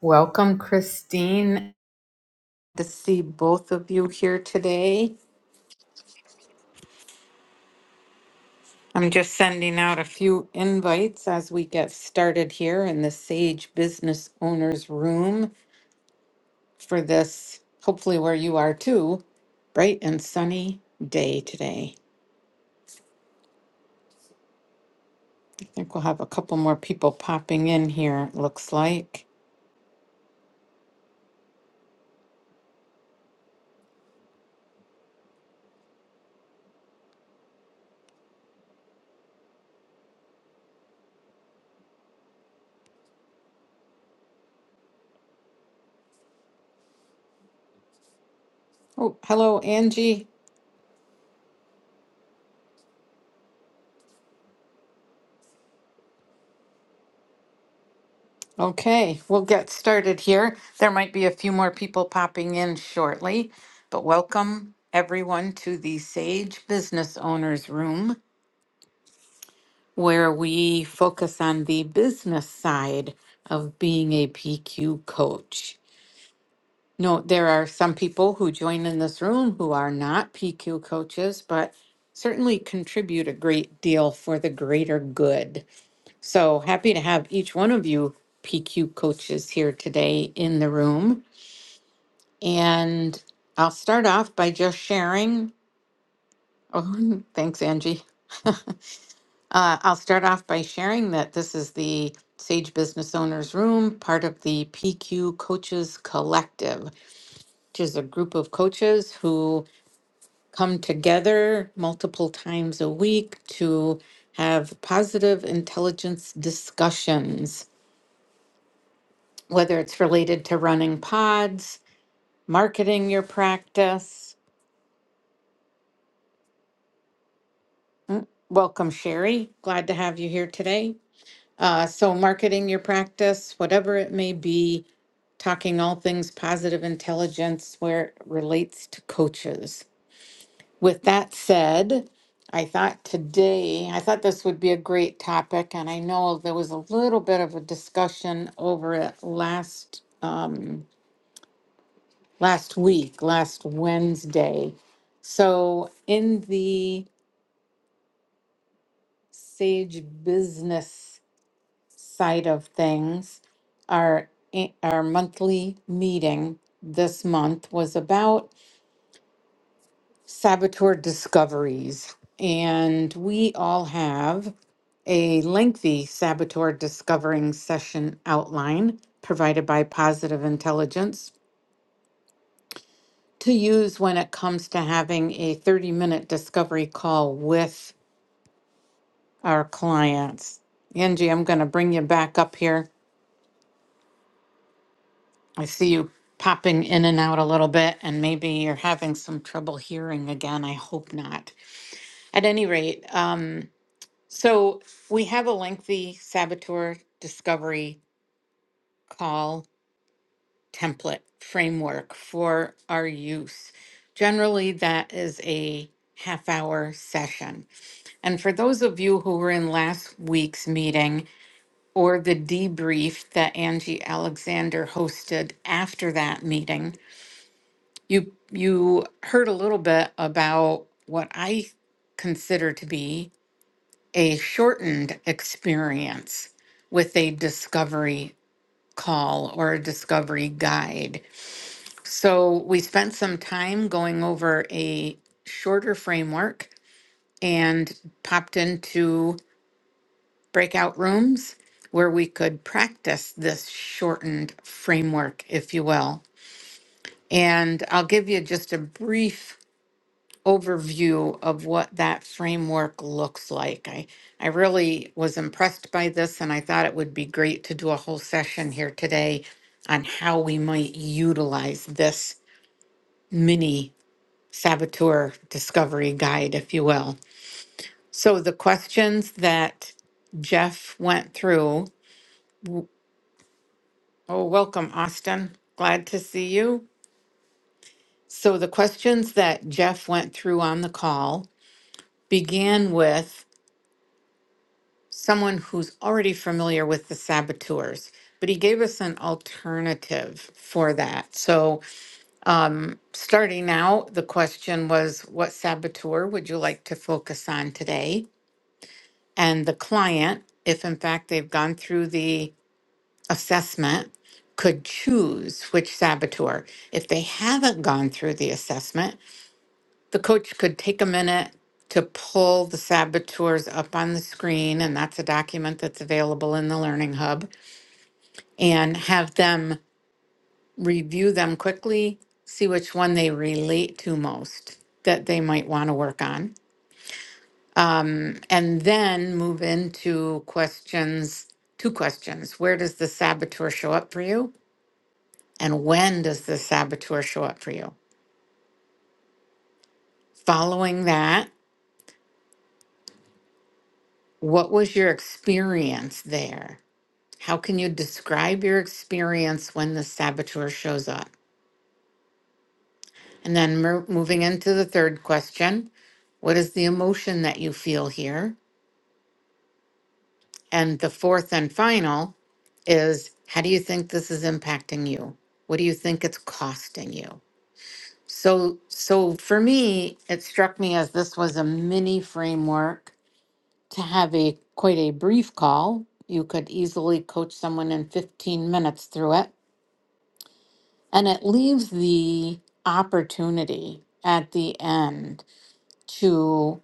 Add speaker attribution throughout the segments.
Speaker 1: Welcome, Christine. To see both of you here today. I'm just sending out a few invites as we get started here in the Sage Business Owners Room for this, hopefully, where you are too, bright and sunny day today. I think we'll have a couple more people popping in here, it looks like. Oh, hello, Angie. Okay, we'll get started here. There might be a few more people popping in shortly, but welcome everyone to the Sage Business Owners Room, where we focus on the business side of being a PQ coach. Note there are some people who join in this room who are not PQ coaches, but certainly contribute a great deal for the greater good. So happy to have each one of you PQ coaches here today in the room. And I'll start off by just sharing. Oh, thanks, Angie. uh, I'll start off by sharing that this is the Sage Business Owners Room, part of the PQ Coaches Collective, which is a group of coaches who come together multiple times a week to have positive intelligence discussions, whether it's related to running pods, marketing your practice, Welcome, Sherry. Glad to have you here today. Uh, so, marketing your practice, whatever it may be, talking all things positive intelligence where it relates to coaches. With that said, I thought today, I thought this would be a great topic, and I know there was a little bit of a discussion over it last um, last week, last Wednesday. So, in the Sage Business side of things, our our monthly meeting this month was about saboteur discoveries, and we all have a lengthy saboteur discovering session outline provided by Positive Intelligence to use when it comes to having a 30 minute discovery call with our clients. Angie, I'm going to bring you back up here I see you popping in and out a little bit, and maybe you're having some trouble hearing again. I hope not. At any rate, um, so we have a lengthy saboteur discovery call template framework for our use. Generally, that is a half hour session. And for those of you who were in last week's meeting or the debrief that Angie Alexander hosted after that meeting, You you heard a little bit about what I consider to be a shortened experience with a discovery call or a discovery guide. So we spent some time going over a shorter framework and popped into breakout rooms where we could practice this shortened framework, if you will. And I'll give you just a brief overview of what that framework looks like. I, I really was impressed by this, and I thought it would be great to do a whole session here today on how we might utilize this mini saboteur discovery guide, if you will. So, the questions that Jeff went through oh, welcome, Austin. Glad to see you. So, the questions that Jeff went through on the call began with someone who's already familiar with the saboteurs, but he gave us an alternative for that. So, um, starting out, the question was what saboteur would you like to focus on today? And the client, if in fact they've gone through the assessment, could choose which saboteur. If they haven't gone through the assessment, the coach could take a minute to pull the saboteurs up on the screen, and that's a document that's available in the Learning Hub, and have them review them quickly, see which one they relate to most that they might want to work on, and then move into questions two questions Where does the saboteur show up for you? And when does the saboteur show up for you? Following that, what was your experience there? How can you describe your experience when the saboteur shows up? And then mer- moving into the third question, what is the emotion that you feel here? And the fourth and final is how do you think this is impacting you? What do you think it's costing you? So so for me, it struck me as this was a mini framework to have a quite a brief call. You could easily coach someone in 15 minutes through it And it leaves the opportunity at the end to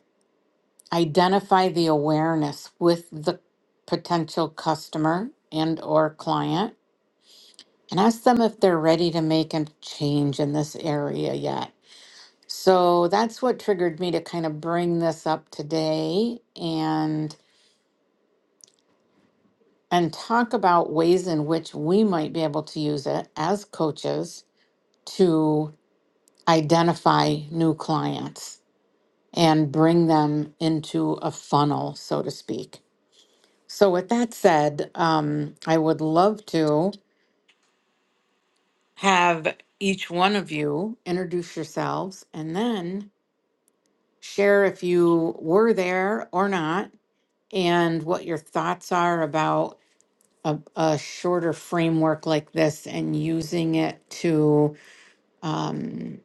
Speaker 1: identify the awareness with the potential customer and or client and ask them if they're ready to make a change in this area yet. So that's what triggered me to kind of bring this up today and and talk about ways in which we might be able to use it as coaches to identify new clients and bring them into a funnel, so to speak. So, with that said, um, I would love to have each one of you introduce yourselves and then share if you were there or not and what your thoughts are about a, a shorter framework like this and using it to um,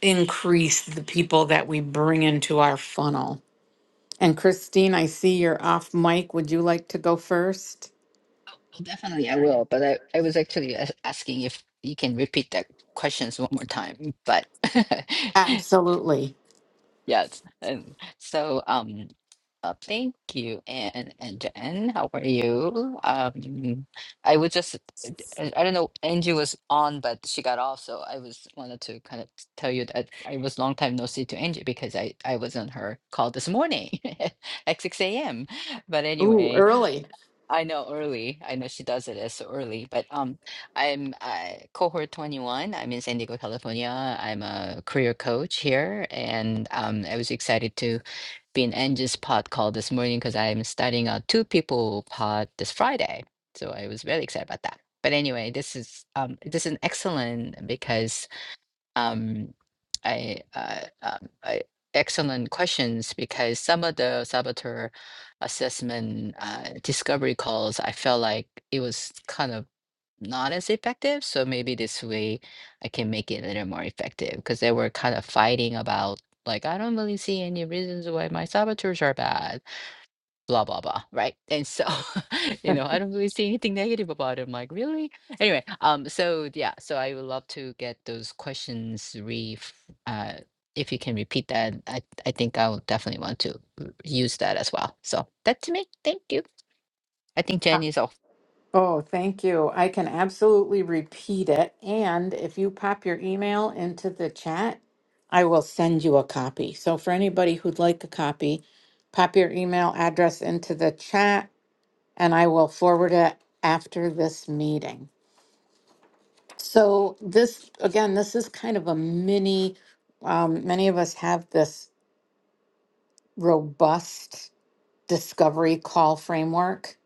Speaker 1: increase the people that we bring into our funnel. And Christine, I see you're off mic. Would you like to go first?
Speaker 2: Definitely, I will. But I, I was actually a- asking if you can repeat that questions one more time. But
Speaker 1: Absolutely.
Speaker 2: yeah, it's- and so um, uh, thank you, and and Jen, how are you? Um, I was just, I I don't know, Angie was on, but she got off, so I was wanted to kind of tell you that I was long time no see to Angie because I I was on her call this morning at six a.m. But
Speaker 1: Ooh,
Speaker 2: anyway.
Speaker 1: early.
Speaker 2: I know early. I know she does it as so early, but um, I'm uh, cohort 21. I'm in San Diego, California. I'm a career coach here, and um, I was excited to be in Angie's pod call this morning because I'm starting a two people pod this Friday. So I was very excited about that. But anyway, this is um, this is excellent because um, I, uh, um, I, excellent questions because some of the saboteur assessment uh, discovery calls, I felt like it was kind of not as effective. So maybe this way I can make it a little more effective because they were kind of fighting about like, I don't really see any reasons why my saboteurs are bad blah blah blah right and so you know i don't really see anything negative about it i'm like really anyway um so yeah so i would love to get those questions re uh if you can repeat that i i think i'll definitely want to r- use that as well so that's me thank you i think
Speaker 1: Uh,
Speaker 2: jenny's off
Speaker 1: Oh, thank you. I can absolutely repeat it. And if you pop your email into the chat, I will send you a copy. So for anybody who'd like a copy, pop your email address into the chat and I will forward it after this meeting. So this, again, this is kind of a mini, um, many of us have this robust discovery call framework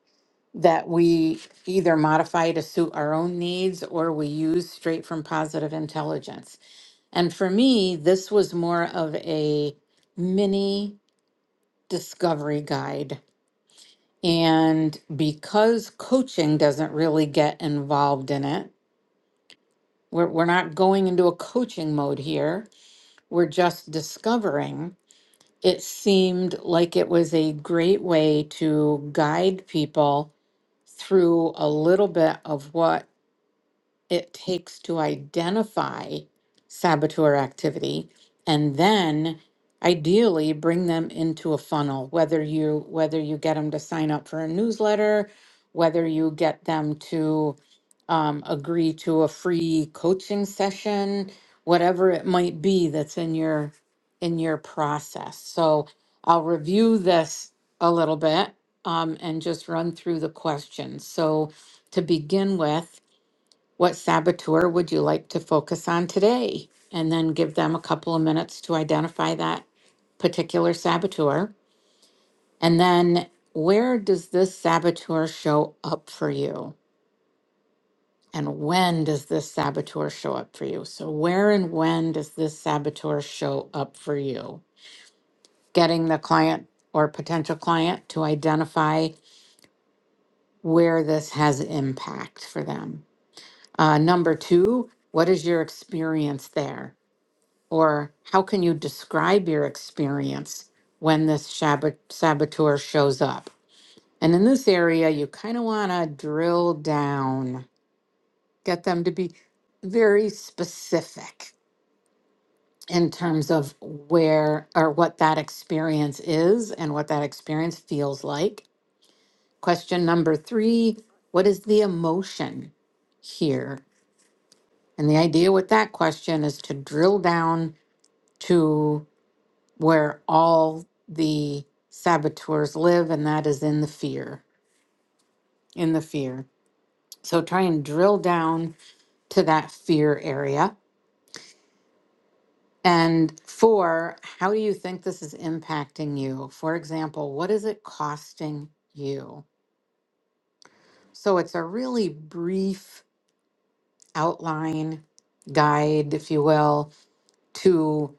Speaker 1: that we either modify to suit our own needs or we use straight from positive intelligence. And for me, this was more of a mini discovery guide. And because coaching doesn't really get involved in it, we're, we're not going into a coaching mode here, we're just discovering. It seemed like it was a great way to guide people through a little bit of what it takes to identify saboteur activity and then ideally bring them into a funnel whether you whether you get them to sign up for a newsletter whether you get them to um, agree to a free coaching session whatever it might be that's in your in your process so i'll review this a little bit um, and just run through the questions so to begin with what saboteur would you like to focus on today? And then give them a couple of minutes to identify that particular saboteur. And then where does this saboteur show up for you? And when does this saboteur show up for you? So, where and when does this saboteur show up for you? Getting the client or potential client to identify where this has impact for them. Uh, number two, what is your experience there? Or how can you describe your experience when this shabbat, saboteur shows up? And in this area, you kind of want to drill down, get them to be very specific in terms of where or what that experience is and what that experience feels like. Question number three What is the emotion here? And the idea with that question is to drill down to where all the saboteurs live, and that is in the fear, in the fear. So try and drill down to that fear area. And four, how do you think this is impacting you? For example, what is it costing you? So it's a really brief outline, guide, if you will, to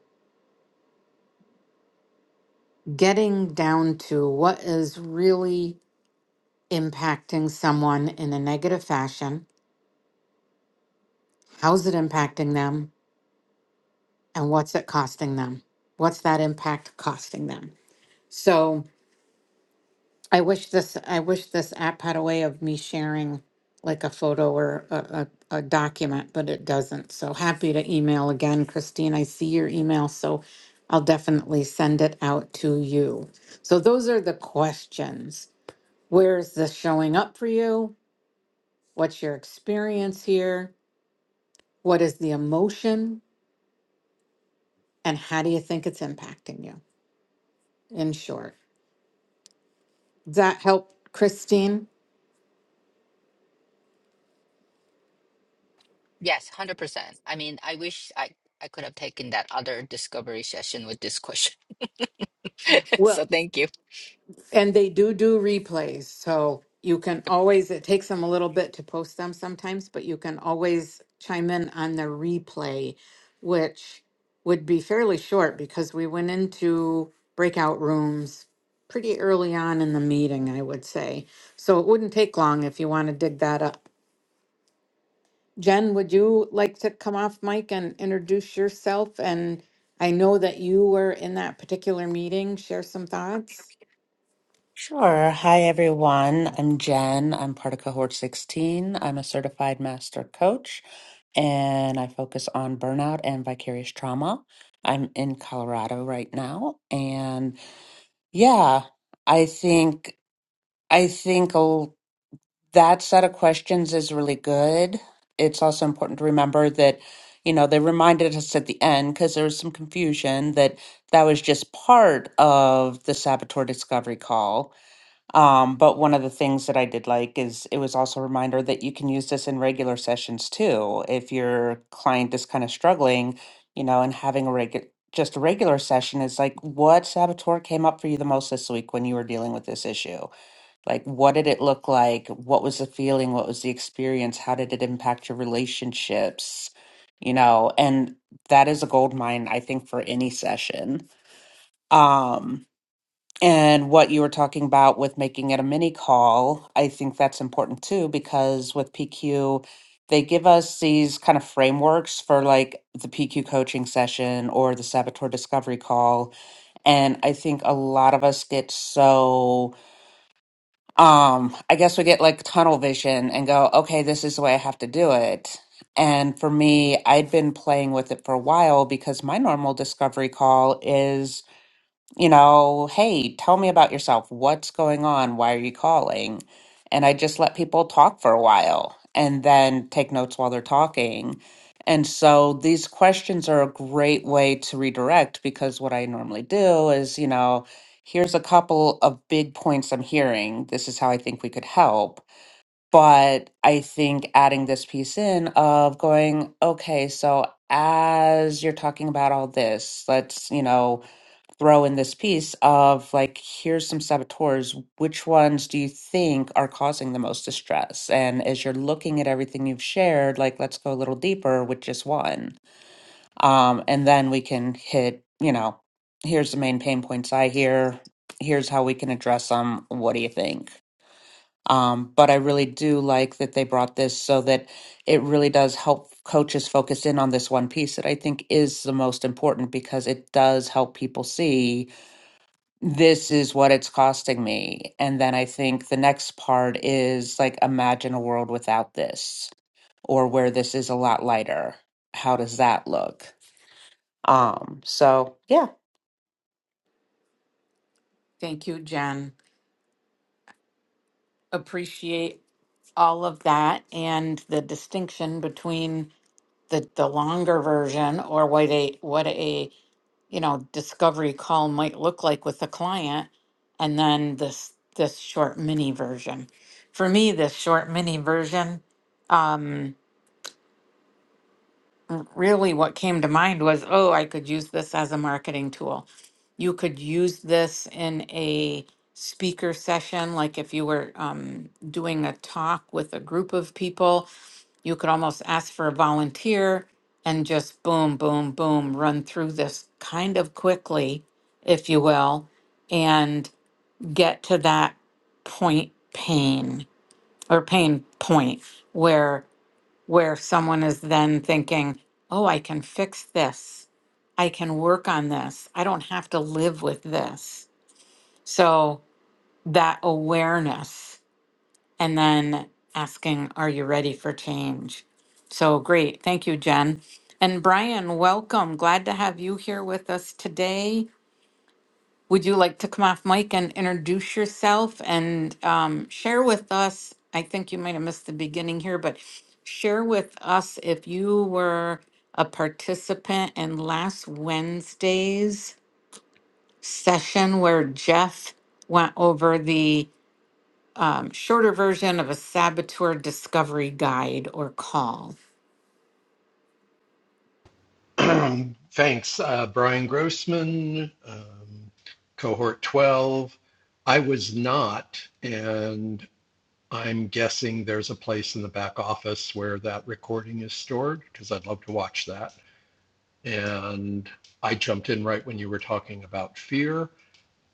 Speaker 1: getting down to what is really impacting someone in a negative fashion How's it impacting them? And what's it costing them? What's that impact costing them? So I wish this I wish this app had a way of me sharing like a photo or a, a, a document, but it doesn't. So happy to email again, Christine. I see your email. So I'll definitely send it out to you. So those are the questions. Where is this showing up for you? What's your experience here? What is the emotion? And how do you think it's impacting you? in short. Does that help, Christine?
Speaker 2: yes 100% i mean i wish i i could have taken that other discovery session with this question so
Speaker 1: Well,
Speaker 2: thank you
Speaker 1: and they do do replays, so you can always, it takes them a little bit to post them sometimes, but you can always chime in on the replay, which would be fairly short because we went into breakout rooms pretty early on in the meeting, I would say. So it wouldn't take long if you want to dig that up. Jen, would you like to come off mic and introduce yourself? And I know that you were in that particular meeting. Share some thoughts.
Speaker 3: Sure. Hi, everyone. I'm Jen. I'm part of cohort 16. I'm a certified master coach and I focus on burnout and vicarious trauma. I'm in Colorado right now. And yeah, I think, I think a- that set of questions is really good. It's also important to remember that, you know, they reminded us at the end because there was some confusion that that was just part of the saboteur discovery call um, but one of the things that I did like is it was also a reminder that you can use this in regular sessions too. If your client is kind of struggling, you know, and having a regular just a regular session is like what saboteur came up for you the most this week when you were dealing with this issue? Like what did it look like? What was the feeling? What was the experience? How did it impact your relationships? You know, and that is a gold mine, I think, for any session. Um, and what you were talking about with making it a mini call, I think that's important too, because with PQ, they give us these kind of frameworks for like the PQ coaching session or the saboteur discovery call. And I think a lot of us get so, um, I guess we get like tunnel vision and go, okay, this is the way I have to do it. And for me, I'd been playing with it for a while because my normal discovery call is you know, hey, tell me about yourself. What's going on? Why are you calling? And I just let people talk for a while and then take notes while they're talking. And so these questions are a great way to redirect because what I normally do is, you know, here's a couple of big points I'm hearing. This is how I think we could help. But I think adding this piece in of going, okay, so as you're talking about all this, let's, you know, throw in this piece of like here's some saboteurs which ones do you think are causing the most distress and as you're looking at everything you've shared like let's go a little deeper with just one um and then we can hit you know here's the main pain points i hear here's how we can address them what do you think um but i really do like that they brought this so that it really does help coaches focus in on this one piece that i think is the most important because it does help people see this is what it's costing me. And then I think the next part is like, imagine a world without this or where this is a lot lighter. How does that look? Um, so yeah.
Speaker 1: Thank you, Jen. Appreciate all of that and the distinction between the the longer version or what a what a you know discovery call might look like with the client and then this this short mini version for me this short mini version um, really what came to mind was, oh, I could use this as a marketing tool. You could use this in a speaker session, like if you were um, doing a talk with a group of people, you could almost ask for a volunteer and just boom, boom, boom, run through this kind of quickly, if you will, and get to that point pain or pain point where where someone is then thinking, oh, I can fix this. I can work on this. I don't have to live with this. So that awareness and then asking, are you ready for change? So great. Thank you, Jen. And Brian, welcome. Glad to have you here with us today. Would you like to come off mic and introduce yourself and um, share with us? I think you might have missed the beginning here, but share with us if you were a participant in last Wednesday's session where Jeff went over the um, shorter version of a saboteur discovery guide or call.
Speaker 4: Um, thanks, uh, Brian Grossman, um, cohort 12. I was not, and I'm guessing there's a place in the back office where that recording is stored because I'd love to watch that. And I jumped in right when you were talking about fear,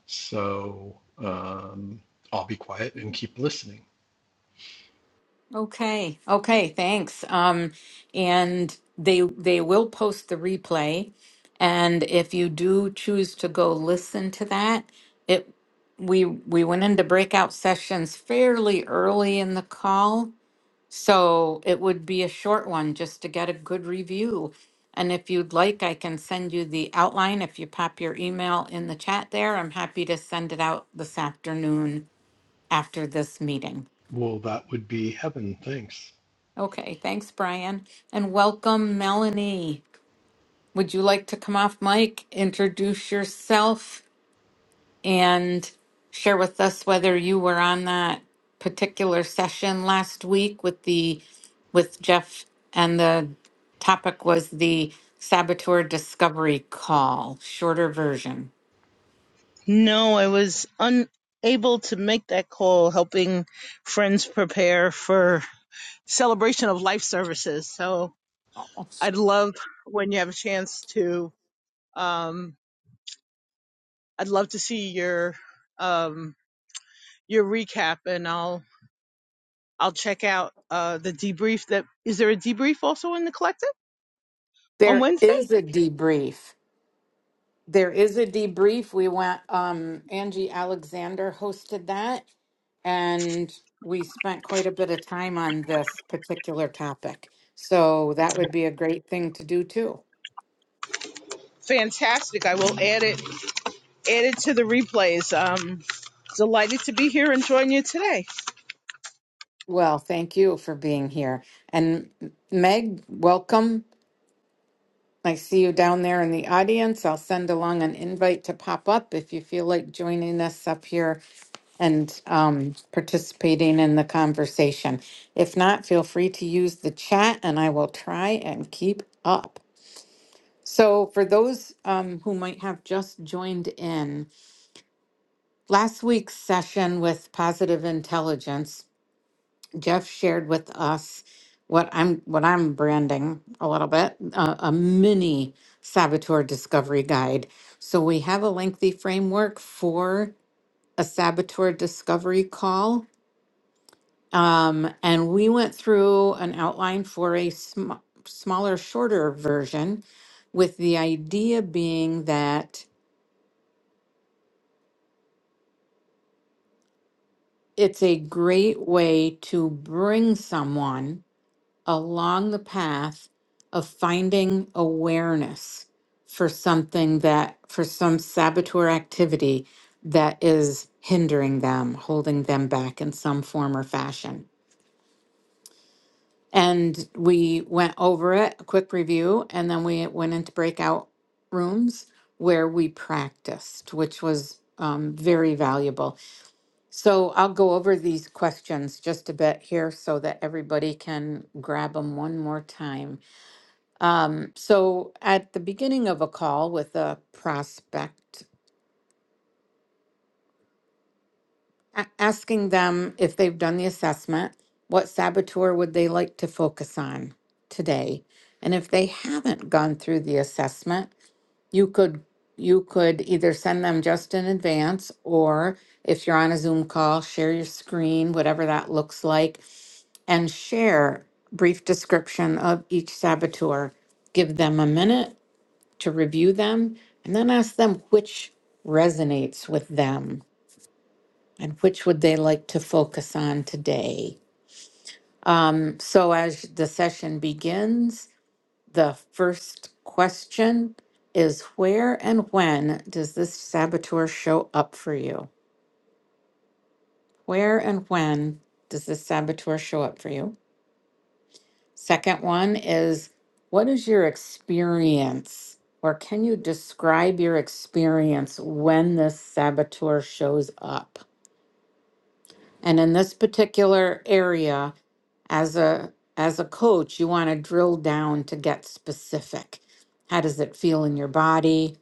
Speaker 4: so um, I'll be quiet and keep listening.
Speaker 1: Okay. Okay. Thanks. Um, and they they will post the replay, and if you do choose to go listen to that, it we we went into breakout sessions fairly early in the call, so it would be a short one just to get a good review. And if you'd like, I can send you the outline. If you pop your email in the chat there, I'm happy to send it out this afternoon after this meeting.
Speaker 4: Well, that would be heaven. Thanks.
Speaker 1: Okay, thanks, Brian. And welcome, Melanie. Would you like to come off mic, introduce yourself, and share with us whether you were on that particular session last week with the with Jeff and the topic was the saboteur discovery call, shorter version.
Speaker 5: No, I was unable to make that call helping friends prepare for celebration of life services. So I'd love when you have a chance to um I'd love to see your um your recap and I'll I'll check out uh the debrief that is there a debrief also in the collective on
Speaker 1: There
Speaker 5: Wednesday?
Speaker 1: is a debrief. There is a debrief. We went, um, Angie Alexander hosted that, and we spent quite a bit of time on this particular topic. So that would be a great thing to do too.
Speaker 5: Fantastic. I will add it add it to the replays. Um delighted to be here and join you today.
Speaker 1: Well, thank you for being here. And Meg, welcome. I see you down there in the audience. I'll send along an invite to pop up if you feel like joining us up here and um, participating in the conversation. If not, feel free to use the chat and I will try and keep up. So, for those um, who might have just joined in, last week's session with Positive Intelligence Jeff shared with us what I'm what I'm branding a little bit uh, a mini saboteur discovery guide. So we have a lengthy framework for a saboteur discovery call, um, and we went through an outline for a sm- smaller, shorter version, with the idea being that it's a great way to bring someone along the path of finding awareness for something that, for some saboteur activity that is hindering them, holding them back in some form or fashion. And we went over it, a quick review, and then we went into breakout rooms where we practiced, which was um, very valuable. So I'll go over these questions just a bit here so that everybody can grab them one more time. Um, so at the beginning of a call with a prospect, a- asking them if they've done the assessment, what saboteur would they like to focus on today? And if they haven't gone through the assessment, you could you could either send them just in advance or if you're on a Zoom call, share your screen, whatever that looks like, and share brief description of each saboteur. Give them a minute to review them and then ask them which resonates with them and which would they like to focus on today. Um, so, as the session begins, the first question is Where and when does this saboteur show up for you? Where and when does this saboteur show up for you? Second one is what is your experience or can you describe your experience when this saboteur shows up? And in this particular area as a as a coach, you want to drill down to get specific. How does it feel in your body?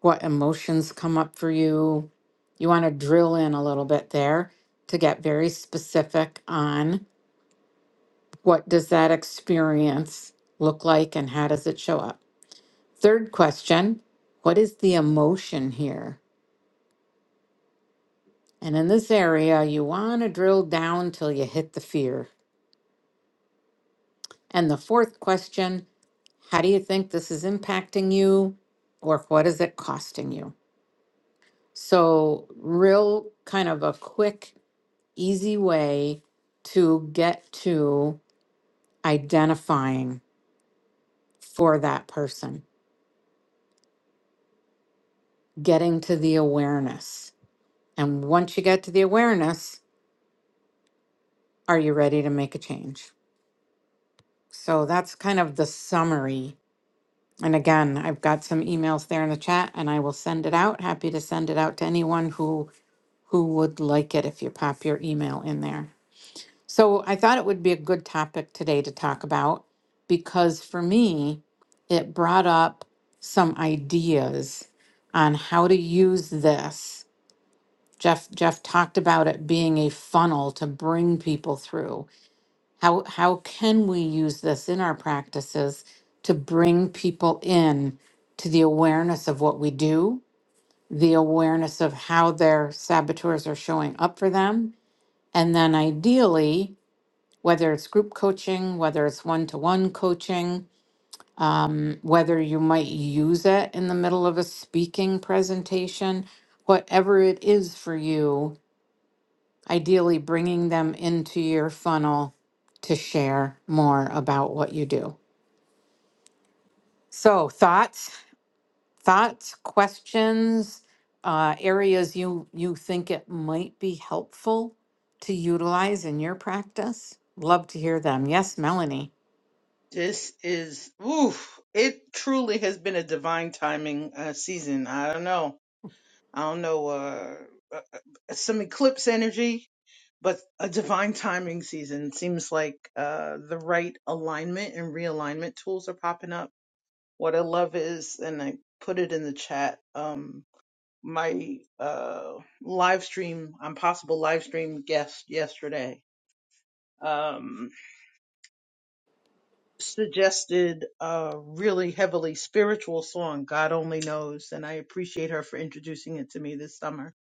Speaker 1: What emotions come up for you? You want to drill in a little bit there to get very specific on what does that experience look like and how does it show up? Third question What is the emotion here? And in this area, you want to drill down till you hit the fear. And the fourth question How do you think this is impacting you, or what is it costing you? So, real kind of a quick, easy way to get to identifying for that person, getting to the awareness. And once you get to the awareness, are you ready to make a change? So that's kind of the summary. And again, I've got some emails there in the chat and I will send it out. Happy to send it out to anyone who who would like it if you pop your email in there. So I thought it would be a good topic today to talk about because for me, it brought up some ideas on how to use this. Jeff Jeff talked about it being a funnel to bring people through. How how can we use this in our practices to bring people in to the awareness of what we do, the awareness of how their saboteurs are showing up for them, and then ideally, whether it's group coaching, whether it's one to one coaching, um, whether you might use it in the middle of a speaking presentation, whatever it is for you, ideally bringing them into your funnel to share more about what you do. So thoughts, thoughts, questions, uh, areas you, you think it might be helpful to utilize in your practice? Love to hear them. Yes, Melanie.
Speaker 5: This is oof. It truly has been a divine timing uh, season. I don't know. I don't know. Uh, uh, uh, some eclipse energy, but a divine timing season seems like uh, the right alignment and realignment tools are popping up. What I love is, and I put it in the chat. Um, my uh, live stream, I'm possible live stream guest yesterday. Um, suggested a really heavily spiritual song, God Only Knows, and I appreciate her for introducing it to me this summer.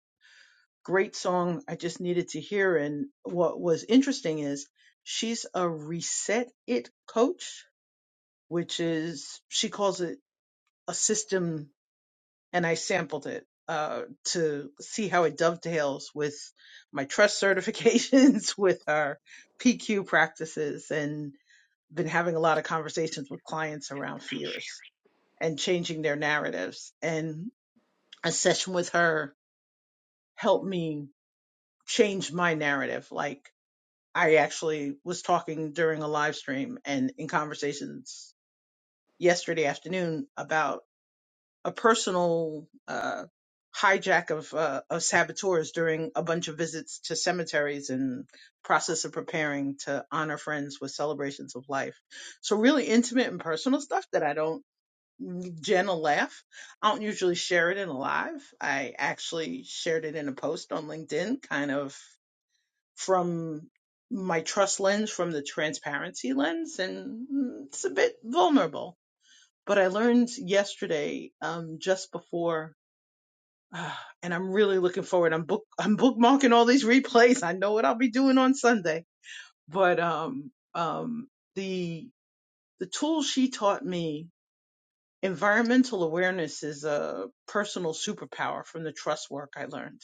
Speaker 5: Great song. I just needed to hear. And what was interesting is she's a reset it coach, which is, she calls it a system and I sampled it uh, to see how it dovetails with my trust certifications, with our PQ practices, and been having a lot of conversations with clients around fears and changing their narratives. And a session with her helped me change my narrative. Like I actually was talking during a live stream and in conversations yesterday afternoon about. a personal uh, hijack of, uh, of saboteurs during a bunch of visits to cemeteries and process of preparing to honor friends with celebrations of life. So really intimate and personal stuff that I don't Jen will laugh. I don't usually share it in a live. I actually shared it in a post on LinkedIn, kind of from my trust lens, from the transparency lens, and mm, it's a bit vulnerable. But I learned yesterday, um, just before Ah, and I'm really looking forward. I'm book I'm bookmarking all these replays. I know what I'll be doing on Sunday. But um um the the tool she taught me, environmental awareness is a personal superpower from the trust work I learned.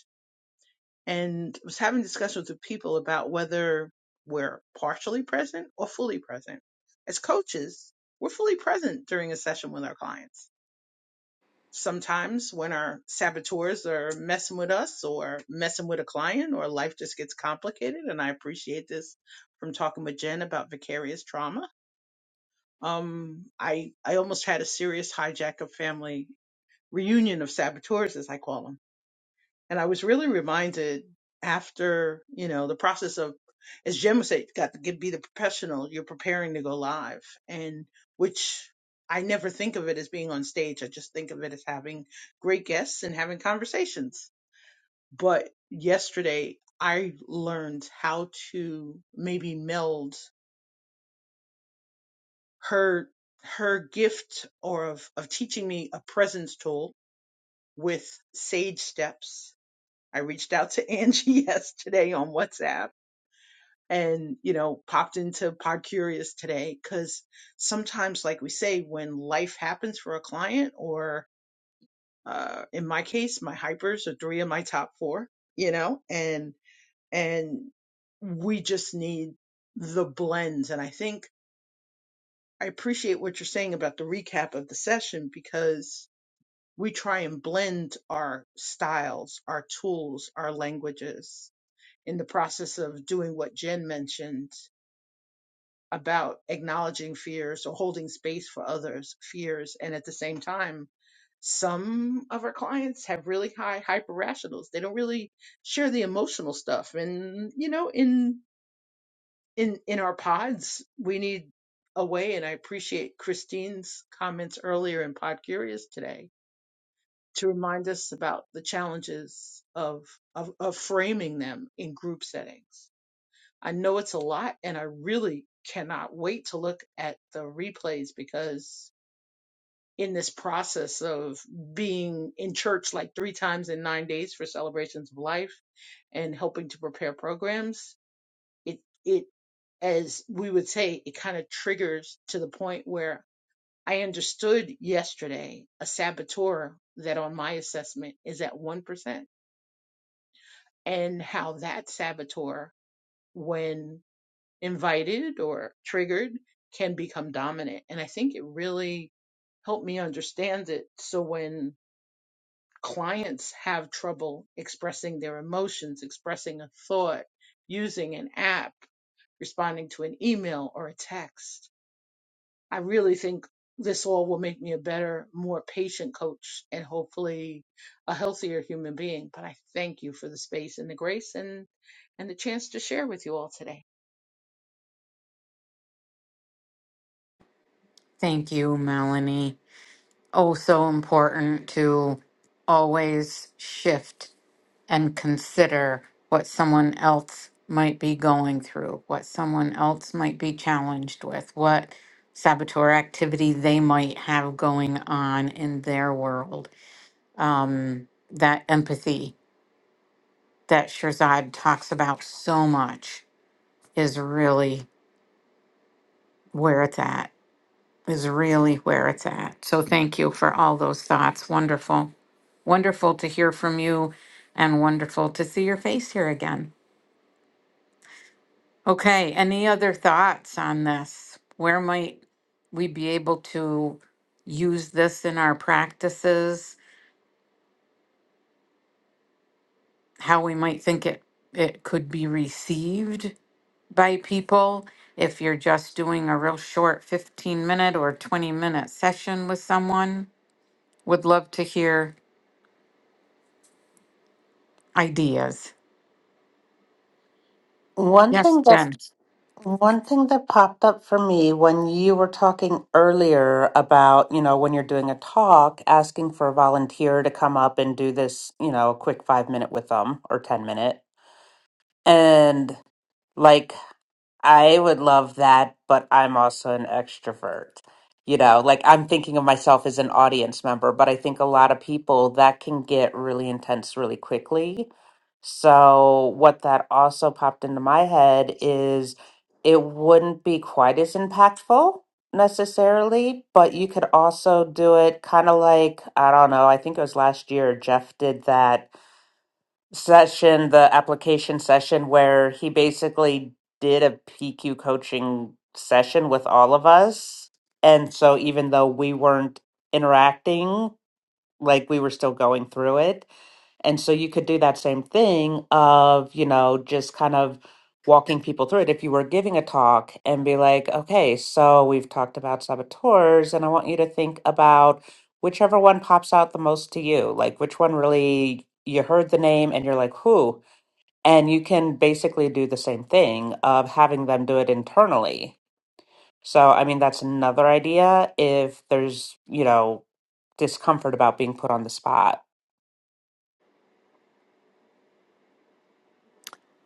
Speaker 5: And was having discussions with people about whether we're partially present or fully present. As coaches, we're fully present during a session with our clients sometimes when our saboteurs are messing with us or messing with a client or life just gets complicated and i appreciate this from talking with jen about vicarious trauma um i i almost had a serious hijack of family reunion of saboteurs as i call them. And I was really reminded after, you know, the process of, as Jim would say, you got to get, be the professional, you're preparing to go live. And which I never think of it as being on stage. I just think of it as having great guests and having conversations. But yesterday I learned how to maybe meld her, her gift or of, of teaching me a presence tool with sage steps. I reached out to Angie yesterday on WhatsApp and you know popped into pod curious today because sometimes like we say when life happens for a client or uh, in my case my hypers are three of my top four you know and and we just need the blends and i think i appreciate what you're saying about the recap of the session because we try and blend our styles our tools our languages in the process of doing what jen mentioned about acknowledging fears or holding space for others' fears. And at the same time, some of our clients have really high hyper rationals. They don't really share the emotional stuff. And you know, in in in our pods, we need a way. And I appreciate Christine's comments earlier in Pod Curious today to remind us about the challenges of of, of framing them in group settings I know it's a lot, and I really cannot wait to look at the replays because in this process of being in church like three times in nine days for celebrations of life and helping to prepare programs, it it as we would say, it kind of triggers to the point where I understood yesterday a saboteur that on my assessment is at 1%, and how that saboteur, when invited or triggered can become dominant. And I think it really helped me understand it. So when clients have trouble expressing their emotions, expressing a thought, using an app, responding to an email or a text, I really think this all will make me a better, more patient coach and hopefully a healthier human being. But I thank you for the space and the grace and, and the chance to share with you all today.
Speaker 1: Thank you, Melanie. Oh, so important to always shift and consider what someone else might be going through, what someone else might be challenged with, what saboteur activity they might have going on in their world um, that empathy that Shirzad talks about so much is really where it's at, is really where it's at. So thank you for all those thoughts. Wonderful. Wonderful to hear from you and wonderful to see your face here again. Okay, any other thoughts on this? Where might we be able to use this in our practices? How we might think it it could be received? by people. If you're just doing a real short 15 minute or 20 minute session with someone, would love to hear ideas.
Speaker 3: One
Speaker 1: Yes,
Speaker 3: thing that
Speaker 1: Jen.
Speaker 3: one thing that popped up for me when you were talking earlier about, you know, when you're doing a talk, asking for a volunteer to come up and do this, you know, a quick five minute with them or ten minute. And like I would love that, but I'm also an extrovert. You know, like I'm thinking of myself as an audience member, but I think a lot of people that can get really intense really quickly. So, what that also popped into my head is it wouldn't be quite as impactful necessarily, but you could also do it kind of like, I don't know, I think it was last year Jeff did that session, the application session, where he basically did a PQ coaching session with all of us. And so even though we weren't interacting, like we were still going through it. And so you could do that same thing of, you know, just kind of walking people through it. If you were giving a talk and be like, okay, so we've talked about saboteurs, and I want you to think about whichever one pops out the most to you, like which one really you heard the name and you're like, who? And you can basically do the same thing of having them do it internally. So, I mean, that's another idea if there's, you know, discomfort about being put on the spot.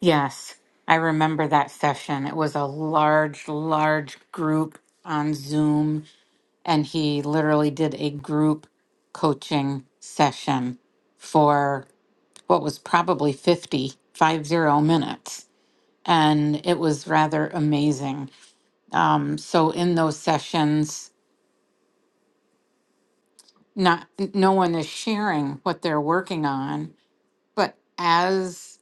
Speaker 1: Yes, I remember that session. It was a large, large group on Zoom, and he literally did a group coaching session for what was probably fifty-five zero minutes. And it was rather amazing Um, so in those sessions, not no one is sharing what they're working on, but as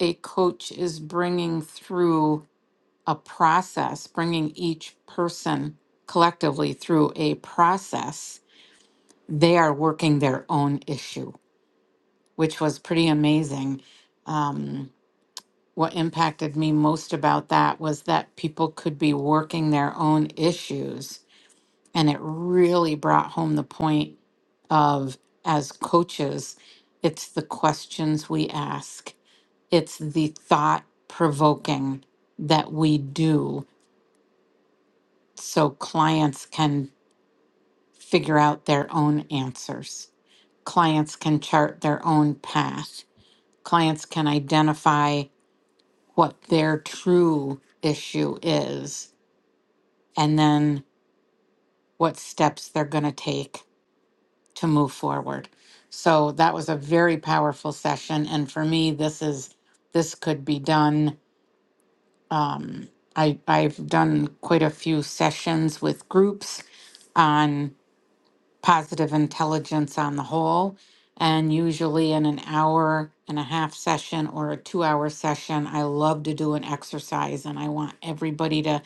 Speaker 1: a coach is bringing through a process, bringing each person collectively through a process, they are working their own issue, which was pretty amazing. Um, what impacted me most about that was that people could be working their own issues And it really brought home the point of, as coaches, it's the questions we ask, it's the thought provoking that we do so clients can figure out their own answers. Clients can chart their own path. Clients can identify what their true issue is and then what steps they're going to take to move forward. So that was a very powerful session. And for me, this is, this could be done. Um, I, I've done quite a few sessions with groups on positive intelligence on the whole. And usually in an hour and a half session or a two hour session, I love to do an exercise and I want everybody to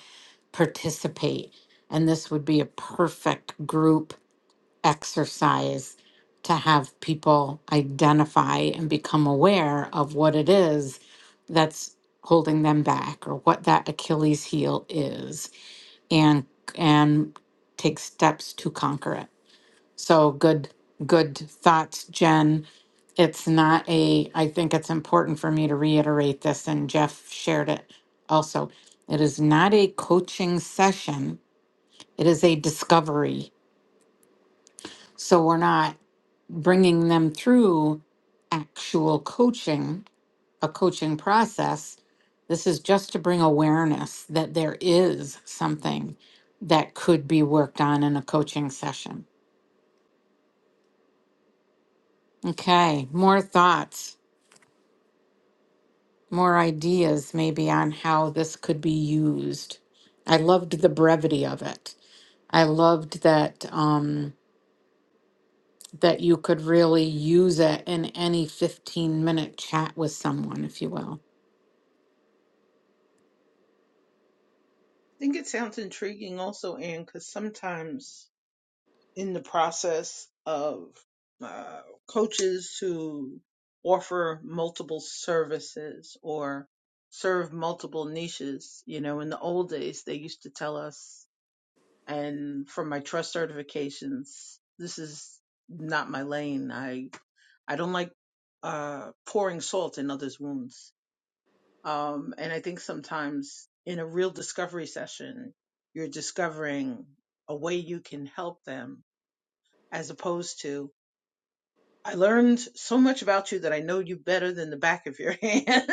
Speaker 1: participate. And this would be a perfect group exercise to have people identify and become aware of what it is that's holding them back or what that Achilles heel is and and take steps to conquer it. So good good thoughts Jen. It's not a I think it's important for me to reiterate this and Jeff shared it also. It is not a coaching session. It is a discovery so we're not bringing them through actual coaching, a coaching process. This is just to bring awareness that there is something that could be worked on in a coaching session. Okay, more thoughts, more ideas maybe on how this could be used. I loved the brevity of it. I loved that um, that you could really use it in any 15 minute chat with someone, if you will.
Speaker 5: I think it sounds intriguing also, Anne, because sometimes in the process of uh, coaches who offer multiple services or serve multiple niches, you know, in the old days, they used to tell us, and from my trust certifications, this is not my lane. I, I don't like uh, pouring salt in others' wounds um, and I think sometimes in a real discovery session, you're discovering a way you can help them as opposed to, I learned so much about you that I know you better than the back of your hand.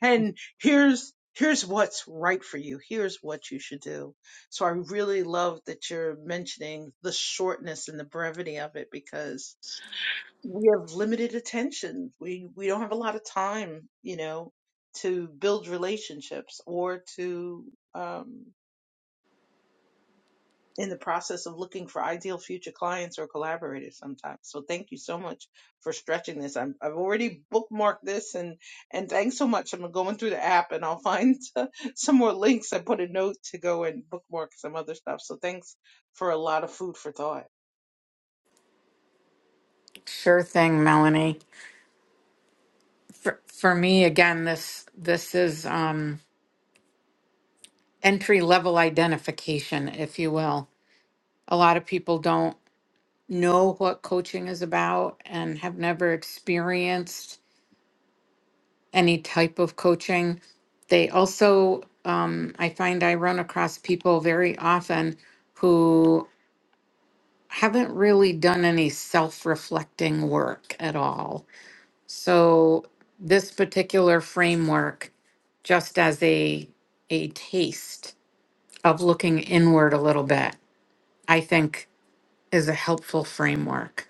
Speaker 5: and here's, here's what's right for you. Here's what you should do. So I really love that you're mentioning the shortness and the brevity of it because we have limited attention. We we don't have a lot of time, you know, to build relationships or to um in the process of looking for ideal future clients or collaborators sometimes. So thank you so much for stretching this. I'm, I've already bookmarked this and and thanks so much. I'm going through the app and I'll find some more links. I put a note to go and bookmark some other stuff. So thanks for a lot of food for thought.
Speaker 1: Sure thing, Melanie. For, for me, again, this this is um, entry level identification, if you will. A lot of people don't know what coaching is about and have never experienced any type of coaching. They also, um, I find, I run across people very often who haven't really done any self reflecting work at all So this particular framework, just as a a taste of looking inward a little bit, I think is a helpful framework,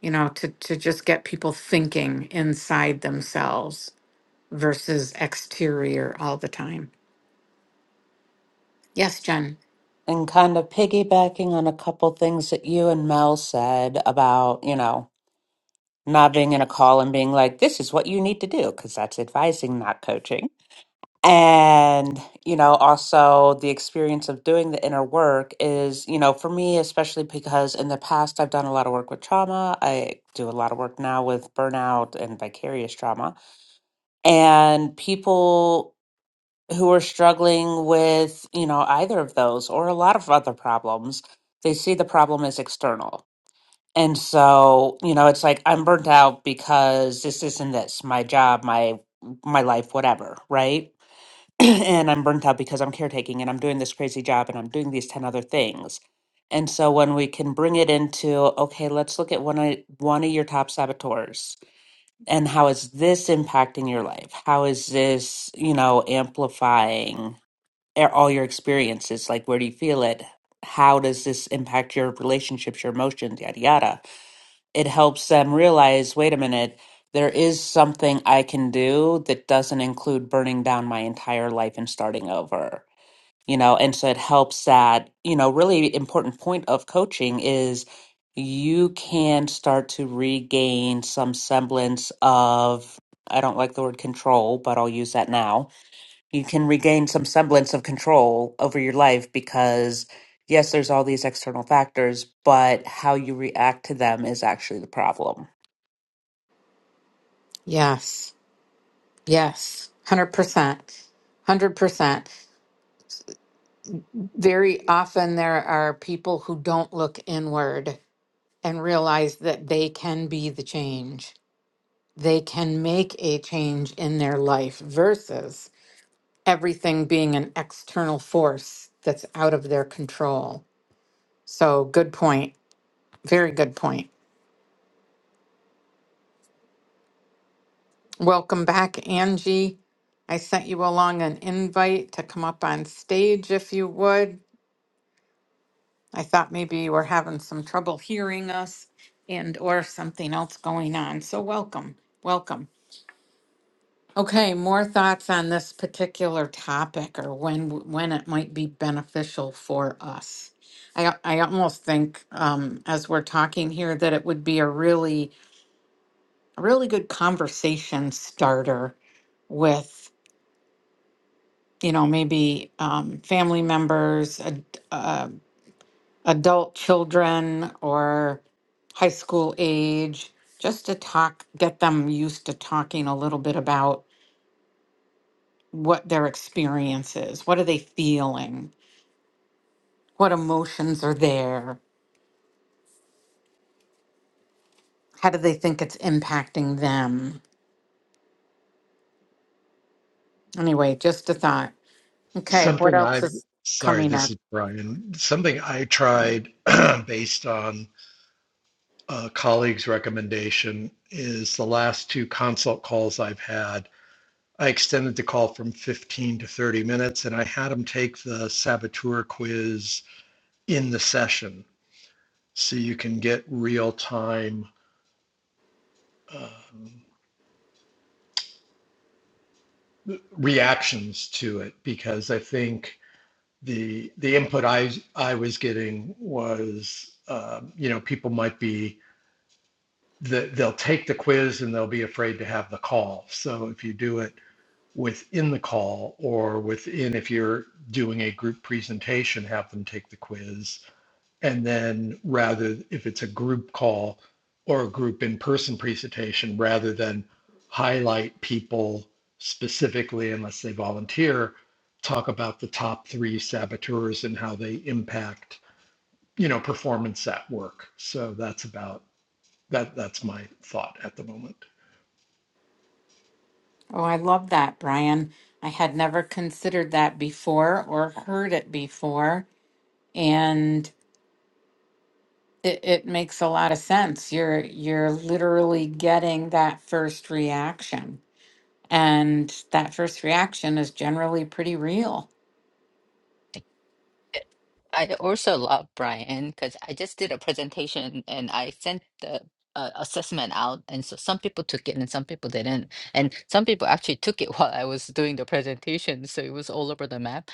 Speaker 1: you know, to to just get people thinking inside themselves versus exterior all the time. Yes, Jen.
Speaker 3: And kind of piggybacking on a couple things that you and Mel said about, you know, not being in a call and being like, this is what you need to do, because that's advising, not coaching. And, you know, also the experience of doing the inner work is, you know, for me, especially because in the past I've done a lot of work with trauma. I do a lot of work now with burnout and vicarious trauma. And people who are struggling with, you know, either of those or a lot of other problems, they see the problem as external. And so, you know, it's like I'm burnt out because this, this, and this, my job, my my life, whatever, right? and I'm burnt out because I'm caretaking and I'm doing this crazy job and I'm doing these ten other things. And so when we can bring it into, okay, let's look at one of one of your top saboteurs and how is this impacting your life? How is this, you know, amplifying? a- all your experiences like where do you feel it how does this impact your relationships your emotions yada yada it helps them realize wait a minute there is something i can do that doesn't include burning down my entire life and starting over you know and so it helps that you know really important point of coaching is you can start to regain some semblance of i don't like the word control but i'll use that now you can regain some semblance of control over your life because yes there's all these external factors but how you react to them is actually the problem
Speaker 1: Yes, yes, 100%. 100%. Very often there are people who don't look inward and realize that they can be the change. they can make a change in their life versus everything being an external force that's out of their control. So, good point. Very good point. Welcome back, Angie. I sent you along an invite to come up on stage if you would. I thought maybe you were having some trouble hearing us and or something else going on. So welcome. Welcome. Okay, more thoughts on this particular topic or when w- when it might be beneficial for us. I al- I almost think um, as we're talking here that it would be a really a really good conversation starter with you know maybe um, family members, ad, uh, adult children, or high school age, just to talk, get them used to talking a little bit about what their experience is. What are they feeling? What emotions are there? How do they think it's impacting them? Anyway, just a thought. Okay, what
Speaker 4: Something
Speaker 1: else
Speaker 4: I,
Speaker 1: is
Speaker 4: sorry,
Speaker 1: coming
Speaker 4: this
Speaker 1: up?
Speaker 4: is Brian. Something I
Speaker 1: Oh,
Speaker 4: tried based on uh, colleague's recommendation is the last two consult calls I've had, I extended the call from 15 to 30 minutes and I had them take the saboteur quiz in the session so you can get real time um, reactions to it because I think the the input I I was getting was um, you know people might be that they'll take the quiz and they'll be afraid to have the call. So if you do it within the call or within if you're doing a group presentation have them take the quiz and then rather if it's a group call or a group in-person presentation rather than highlight people specifically unless they volunteer talk about the top three saboteurs and how they impact you know performance at work so that's about that that's my thought at the moment
Speaker 1: I love that, Brian. I had never considered that before or heard it before, and it, it makes a lot of sense. You're you're literally getting that first reaction, and that first reaction is generally pretty real.
Speaker 2: I also love Brian because I just did a presentation and I sent the uh, assessment out, and so some people took it and some people didn't, and some people actually took it while I was doing the presentation, so it was all over the map.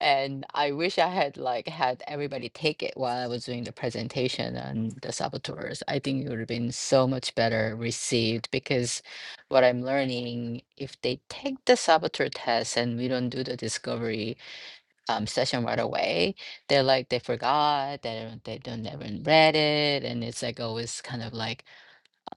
Speaker 2: And I wish I had like had everybody take it while I was doing the presentation on the saboteurs. I think it would have been so much better received because what I'm learning, if they take the saboteur test and we don't do the discovery, um, session right away. They're like they forgot that they don't- they don't never read it, and it's like always kind of like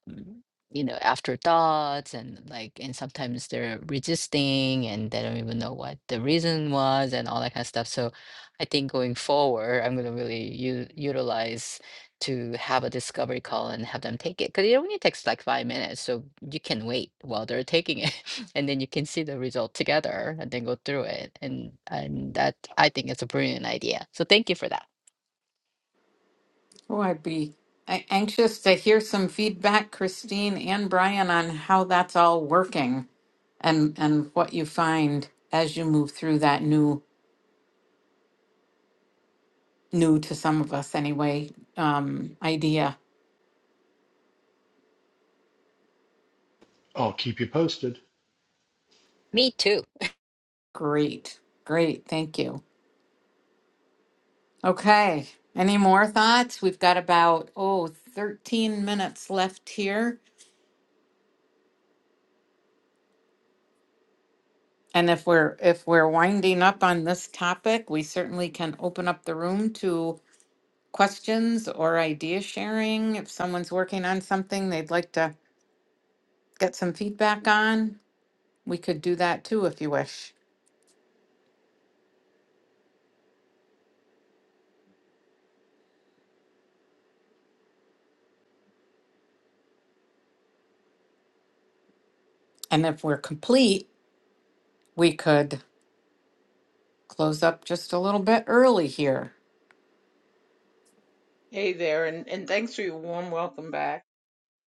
Speaker 2: um, you know, afterthoughts and like, and sometimes they're resisting and they don't even know what the reason was and all that kind of stuff. So I think going forward, I'm going to really u- utilize to have a discovery call and have them take it because it only takes like five minutes. So you can wait while they're taking it and then you can see the result together and then go through it. And, and that I think it's a brilliant idea. So thank you for that.
Speaker 1: Oh, I'd be a- anxious to hear some feedback, Christine and Brian, on how that's all working and and what you find as you move through that new new to some of us anyway um, idea.
Speaker 4: i'll keep you posted
Speaker 2: Me too.
Speaker 1: Great, great, thank you. Okay, any more thoughts? We've got about oh 13 minutes left here. And if we're if we're winding up on this topic, we certainly can open up the room to questions or idea sharing. If someone's working on something they'd like to get some feedback on, we could do that too if you wish. And if we're complete, we could close up just a little bit early here.
Speaker 5: Hey there and and thanks for your warm welcome back.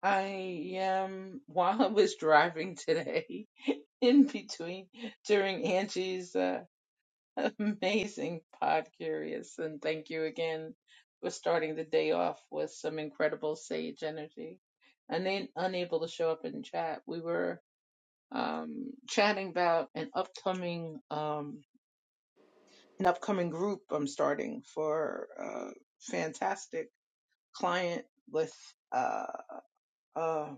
Speaker 5: I um while I was driving today, in between during Angie's uh, amazing pod curious, and thank you again for starting the day off with some incredible sage energy. And then unable to show up in chat, we were um chatting about an upcoming um an upcoming group I'm starting for a fantastic client with uh uh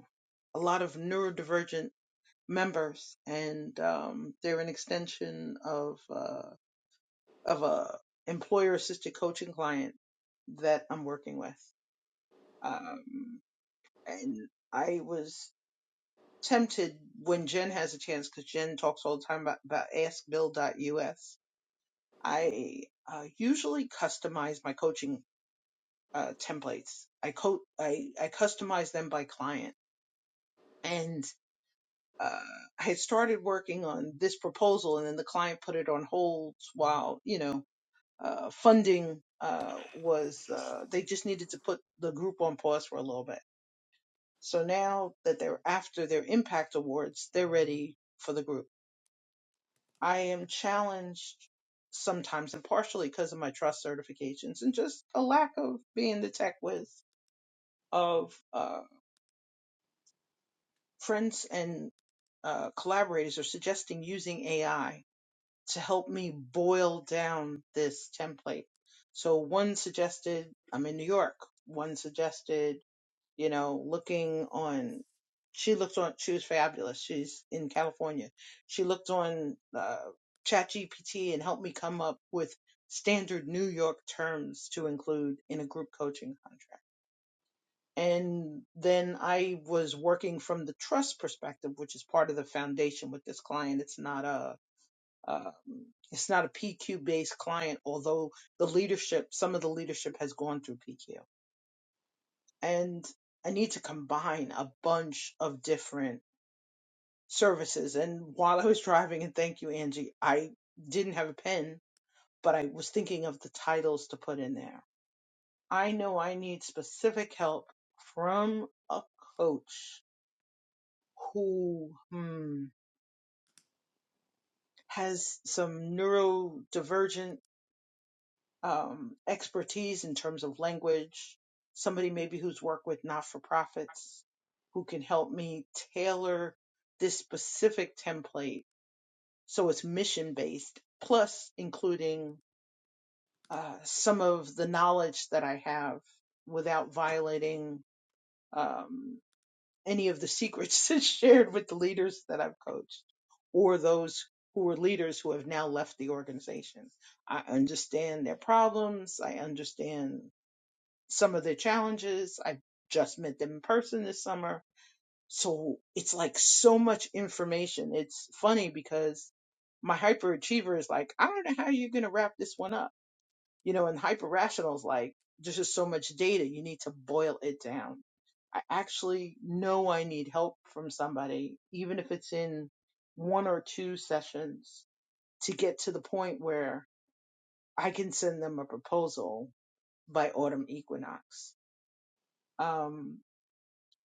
Speaker 5: a lot of neurodivergent members, and um, they're an extension of uh, of a employer assisted coaching client that I'm working with. Um, and I was tempted when Jen has a chance because Jen talks all the time about, about askbill.us. I uh, usually customize my coaching uh, templates. I co- I, I customize them by client and uh, I had started working on this proposal, and then the client put it on hold while you know uh, funding uh, was. Uh, they just needed to put the group on pause for a little bit. So now that they're after their impact awards, they're ready for the group. I am challenged sometimes, and partially because of my trust certifications and just a lack of being the tech whiz of uh, friends and uh, collaborators are suggesting using AI to help me boil down this template. So one suggested, I'm in New York. One suggested, you know, looking on, she looked on, she was fabulous. She's in California. She looked on uh, ChatGPT and helped me come up with standard New York terms to include in a group coaching contract. And then I was working from the trust perspective, which is part of the foundation with this client. It's not a um, it's not a PQ based client, although the leadership, some of the leadership has gone through PQ. And I need to combine a bunch of different services. And while I was driving, and thank you, Angie, I didn't have a pen, but I was thinking of the titles to put in there. I know I need specific help from a coach who hmm, has some neurodivergent um, expertise in terms of language, somebody maybe who's worked with not for profits who can help me tailor this specific template so it's mission based, plus including uh, some of the knowledge that I have without violating um, any of the secrets that's shared with the leaders that I've coached or those who are leaders who have now left the organization. I understand their problems. I understand some of their challenges. I just met them in person this summer. So it's like so much information. It's funny because my hyperachiever is like, I don't know how you're going to wrap this one up. You know, and hyper rational is like, there's just so much data. You need to boil it down. I actually know I need help from somebody, even if it's in one or two sessions to get to the point where I can send them a proposal by autumn equinox. Um,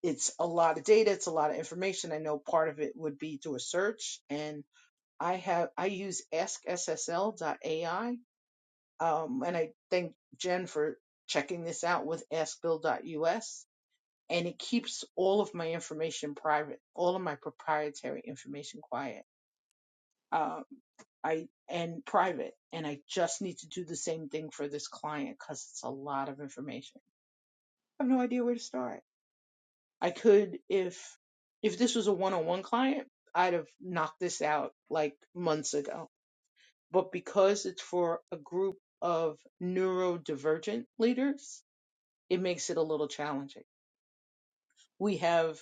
Speaker 5: it's a lot of data it's a lot of information i know part of it would be through a search and i have i use askssl.ai um, and i thank jen for checking this out with US, and it keeps all of my information private all of my proprietary information quiet um, I and private, and I just need to do the same thing for this client because it's a lot of information. I have no idea where to start. I could if if this was a one-on-one client, I'd have knocked this out like months ago. But because it's for a group of neurodivergent leaders, it makes it a little challenging. We have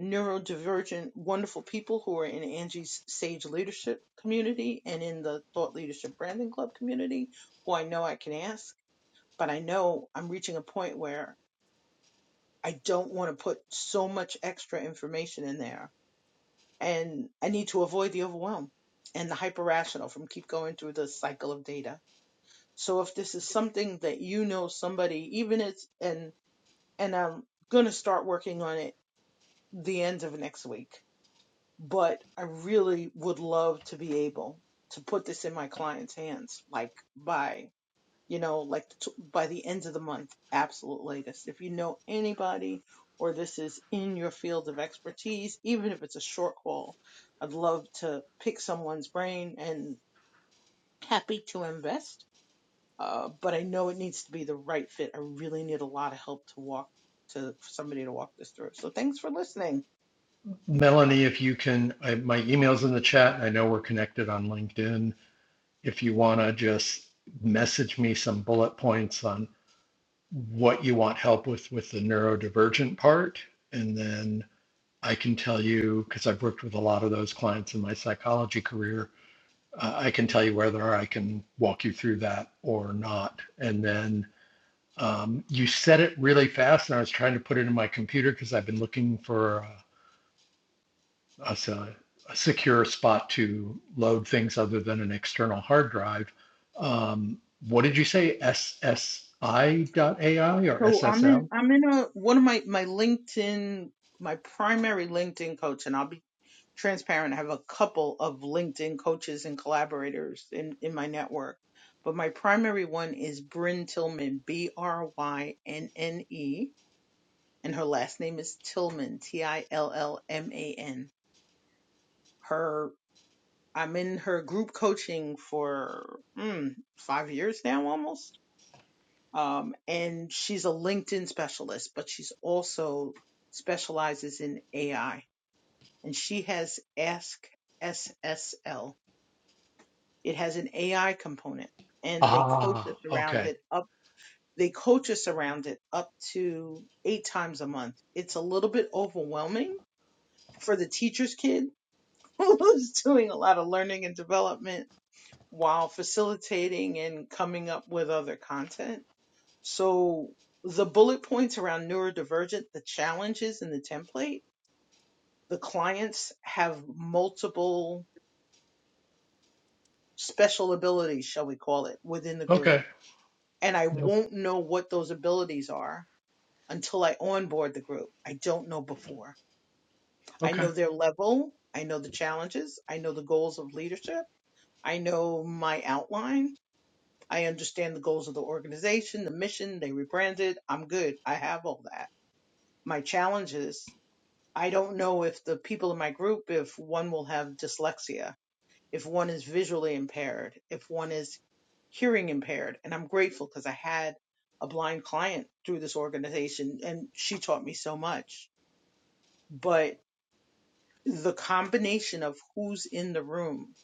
Speaker 5: neurodivergent wonderful people who are in Angie's Sage Leadership community and in the Thought Leadership Branding Club community who I know I can ask, but I know I'm reaching a point where I don't want to put so much extra information in there and I need to avoid the overwhelm and the hyper rational from keep going through the cycle of data. So if this is something that you know somebody, even it's and and I'm gonna start working on it the end of next week, but I really would love to be able to put this in my clients' hands, like by you know, like t- by the end of the month, absolute latest. If you know anybody or this is in your field of expertise, even if it's a short call, I'd love to pick someone's brain and happy to invest. Uh, but I know it needs to be the right fit. I really need a lot of help to walk to for somebody to walk this through. So thanks for listening.
Speaker 4: Melanie, if you can, I, my email's in the chat. I know we're connected on LinkedIn. If you want to just message me some bullet points on what you want help with with the neurodivergent part, and then I can tell you, because I've worked with a lot of those clients in my psychology career, uh, I can tell you whether I can walk you through that or not. And then um, you said it really fast, and I was trying to put it in my computer because I've been looking for. uh, a, a secure spot to load things other than an external hard drive. Um, what did you say? S S I dot A I or
Speaker 5: So I'm in
Speaker 4: SSL?
Speaker 5: I'm in a one of my my LinkedIn my primary LinkedIn coach, and I'll be transparent. I have a couple of LinkedIn coaches and collaborators in in my network, but my primary one is Bryn Tillman, B R Y N N E, and her last name is Tillman, T I L L M A N. Her I'm in her group coaching for mm, five years now, almost um, and she's a LinkedIn specialist, but she's also specializes in AI. And she has Ask SSL. It has an AI component, and they coach
Speaker 4: Ah,
Speaker 5: us around
Speaker 4: okay.
Speaker 5: it up. They coach us around it up to eight times a month. It's a little bit overwhelming for the teacher's kid who's doing a lot of learning and development while facilitating and coming up with other content So the bullet points around neurodivergent, the challenges in the template, the clients have multiple special abilities, shall we call it, within the group.
Speaker 4: Okay.
Speaker 5: And I
Speaker 4: Nope.
Speaker 5: won't know what those abilities are until I onboard the group. I don't know before. I
Speaker 4: Okay.
Speaker 5: know their level. I know the challenges. I know the goals of leadership. I know my outline. I understand the goals of the organization, the mission. They rebranded. I'm good. I have all that. My challenges I don't know if the people in my group, if one will have dyslexia, if one is visually impaired, if one is hearing impaired. And I'm grateful because I had a blind client through this organization and she taught me so much. But the combination of who's in the room,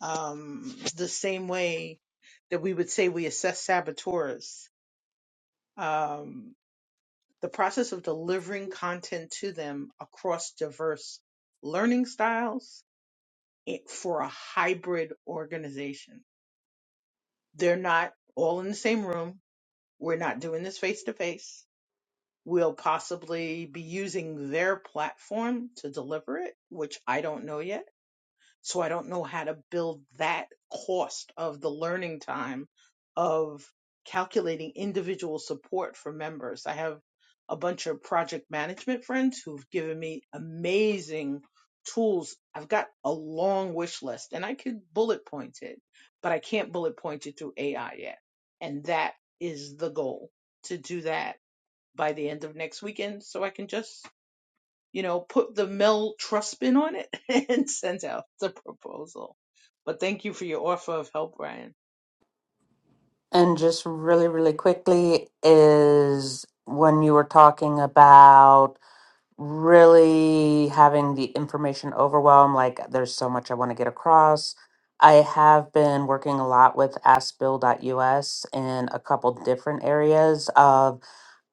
Speaker 5: um, the same way that we would say we assess saboteurs, um, the process of delivering content to them across diverse learning styles it- for a hybrid organization. They're not all in the same room. We're not doing this face to face. We'll possibly be using their platform to deliver it, which I don't know yet so I don't know how to build that cost of the learning time of calculating individual support for members. I have a bunch of project management friends who've given me amazing tools. I've got a long wish list and I could bullet point it, but I can't bullet point it through AI yet. And that is the goal to do that by the end of next weekend so I can just you know, put the Mel Trust spin on it and send out the proposal. But thank you for your offer of help, Ryan.
Speaker 3: and just really really quickly is when you were talking about really having the information overwhelm. Like, there's so much I want to get across. I have been working a lot with AskBill.us in a couple different areas of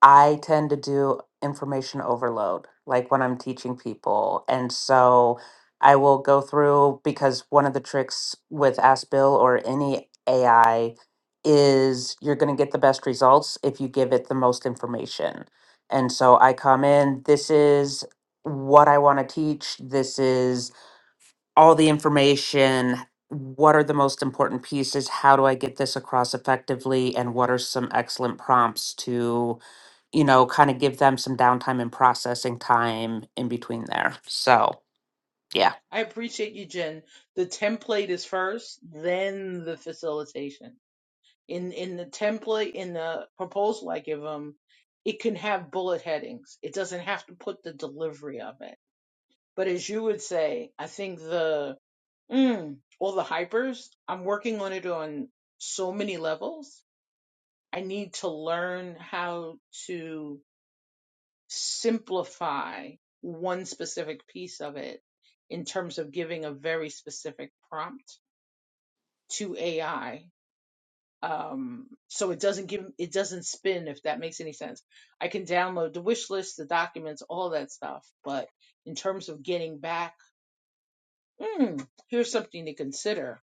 Speaker 3: I tend to do information overload, like when I'm teaching people. And so I will go through because one of the tricks with Ask Bill or any AI is you're going to get the best results if you give it the most information. And so I come in, this is what I want to teach, this is all the information. What are the most important pieces? How do I get this across effectively? And what are some excellent prompts to, you know, kind of give them some downtime and processing time in between there? So, yeah.
Speaker 5: I appreciate you, Jen. The template is first, then the facilitation. In in the template, in the proposal I give them, it can have bullet headings. It doesn't have to put the delivery of it. But as you would say, I think the mm, all the hypers. I'm working on it on so many levels I need to learn how to simplify one specific piece of it in terms of giving a very specific prompt to AI. Um, so it doesn't give, it doesn't spin, if that makes any sense. I can download the wish list, the documents, all that stuff. But in terms of getting back, hmm, here's something to consider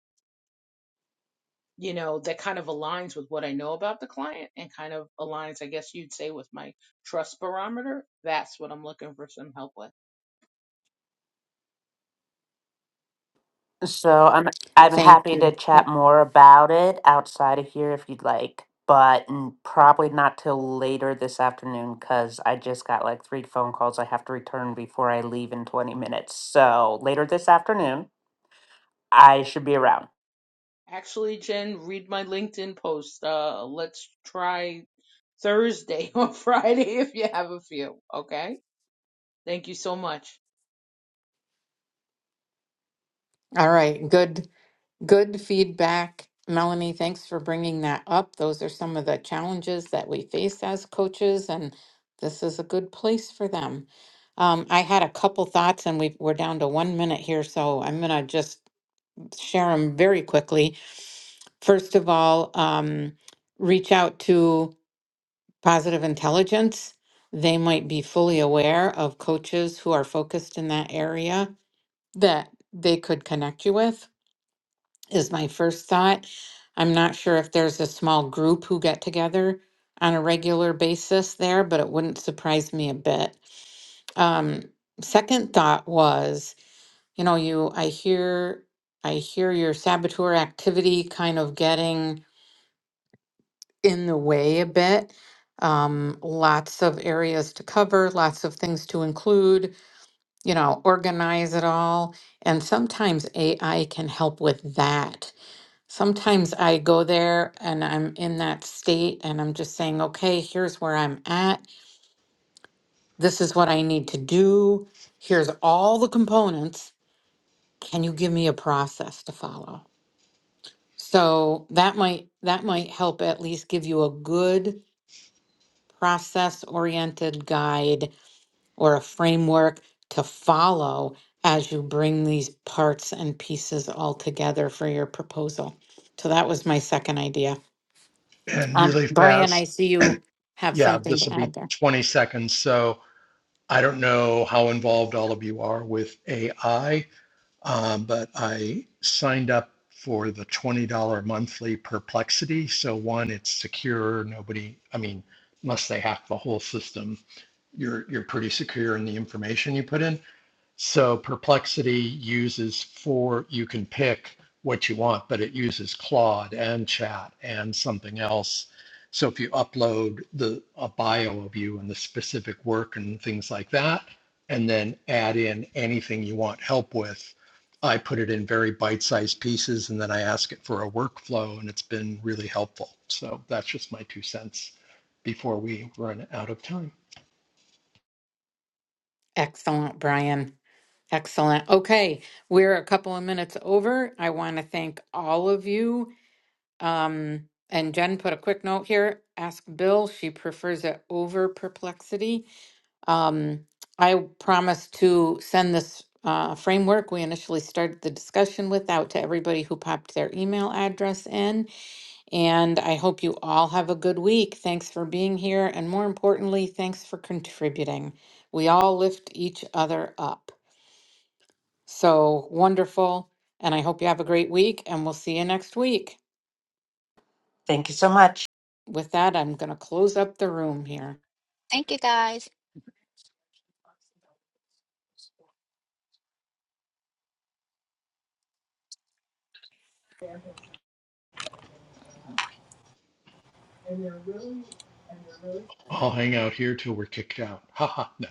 Speaker 5: you know, that kind of aligns with what I know about the client and kind of aligns, I guess you'd say, with my trust barometer. That's what I'm looking for some help with.
Speaker 3: So I'm I'm
Speaker 1: Thank
Speaker 3: happy to
Speaker 1: you.
Speaker 3: chat
Speaker 1: Oh,
Speaker 3: more about it outside of here if you'd like, but n- probably not till later this afternoon because I just got like three phone calls I have to return before I leave in 20 minutes. So later this afternoon, I should be around.
Speaker 5: Actually, Jen, read my LinkedIn post. Uh, let's try Thursday or Friday if you have a few. Okay. Thank you so much.
Speaker 1: all right. Good, good feedback. Melanie, thanks for bringing that up. Those are some of the challenges that we face as coaches, and this is a good place for them. Um, I had a couple thoughts, and we we're down to one minute here, so I'm gonna just share them very quickly. First of all, um, reach out to Positive Intelligence. They might be fully aware of coaches who are focused in that area that they could connect you with, is my first thought. I'm not sure if there's a small group who get together on a regular basis there, but it wouldn't surprise me a bit. Um, second thought was you know you i hear i hear your saboteur activity kind of getting in the way a bit um, lots of areas to cover lots of things to include you know organize it all and sometimes ai can help with that sometimes i go there and i'm in that state and i'm just saying okay here's where i'm at this is what i need to do here's all the components can you give me a process to follow So that might that might help at least give you a good process-oriented guide or a framework to follow as you bring these parts and pieces all together for your proposal. So that was my second idea.
Speaker 4: And
Speaker 1: Um,
Speaker 4: really
Speaker 1: Brian, I
Speaker 4: fast.
Speaker 1: see you have
Speaker 4: Yeah,
Speaker 1: something
Speaker 4: this
Speaker 1: to
Speaker 4: will
Speaker 1: add
Speaker 4: be
Speaker 1: there.
Speaker 4: 20 seconds. So I don't know how involved all of you are with AI. Um, but I signed up for the $20 monthly perplexity. So, one, it's secure. Nobody, I mean, unless they hack the whole system, you're, you're pretty secure in the information you put in. So Perplexity uses four, you can pick what you want, but it uses Claude and chat and something else. So if you upload the a bio of you and the specific work and things like that, and then add in anything you want help with, I put it in very bite-sized pieces and then I ask it for a workflow and it's been really helpful. So that's just my two cents before we run out of time.
Speaker 1: Excellent, Brian. Excellent. Okay, we're a couple of minutes over. I want to thank all of you. Um, and Jen put a quick note here. Ask Bill. She prefers it over perplexity. Um, I promised to send this uh, framework we initially started the discussion with out to everybody who popped their email address in. And I hope you all have a good week. Thanks for being here. And more importantly, thanks for contributing. We all lift each other up. So wonderful. And I hope you have a great week, and we'll see you next week.
Speaker 3: Thank you so much.
Speaker 1: With that, I'm going to close up the room here.
Speaker 2: Thank you guys.
Speaker 4: I'll hang out here till we're kicked out. Haha. no.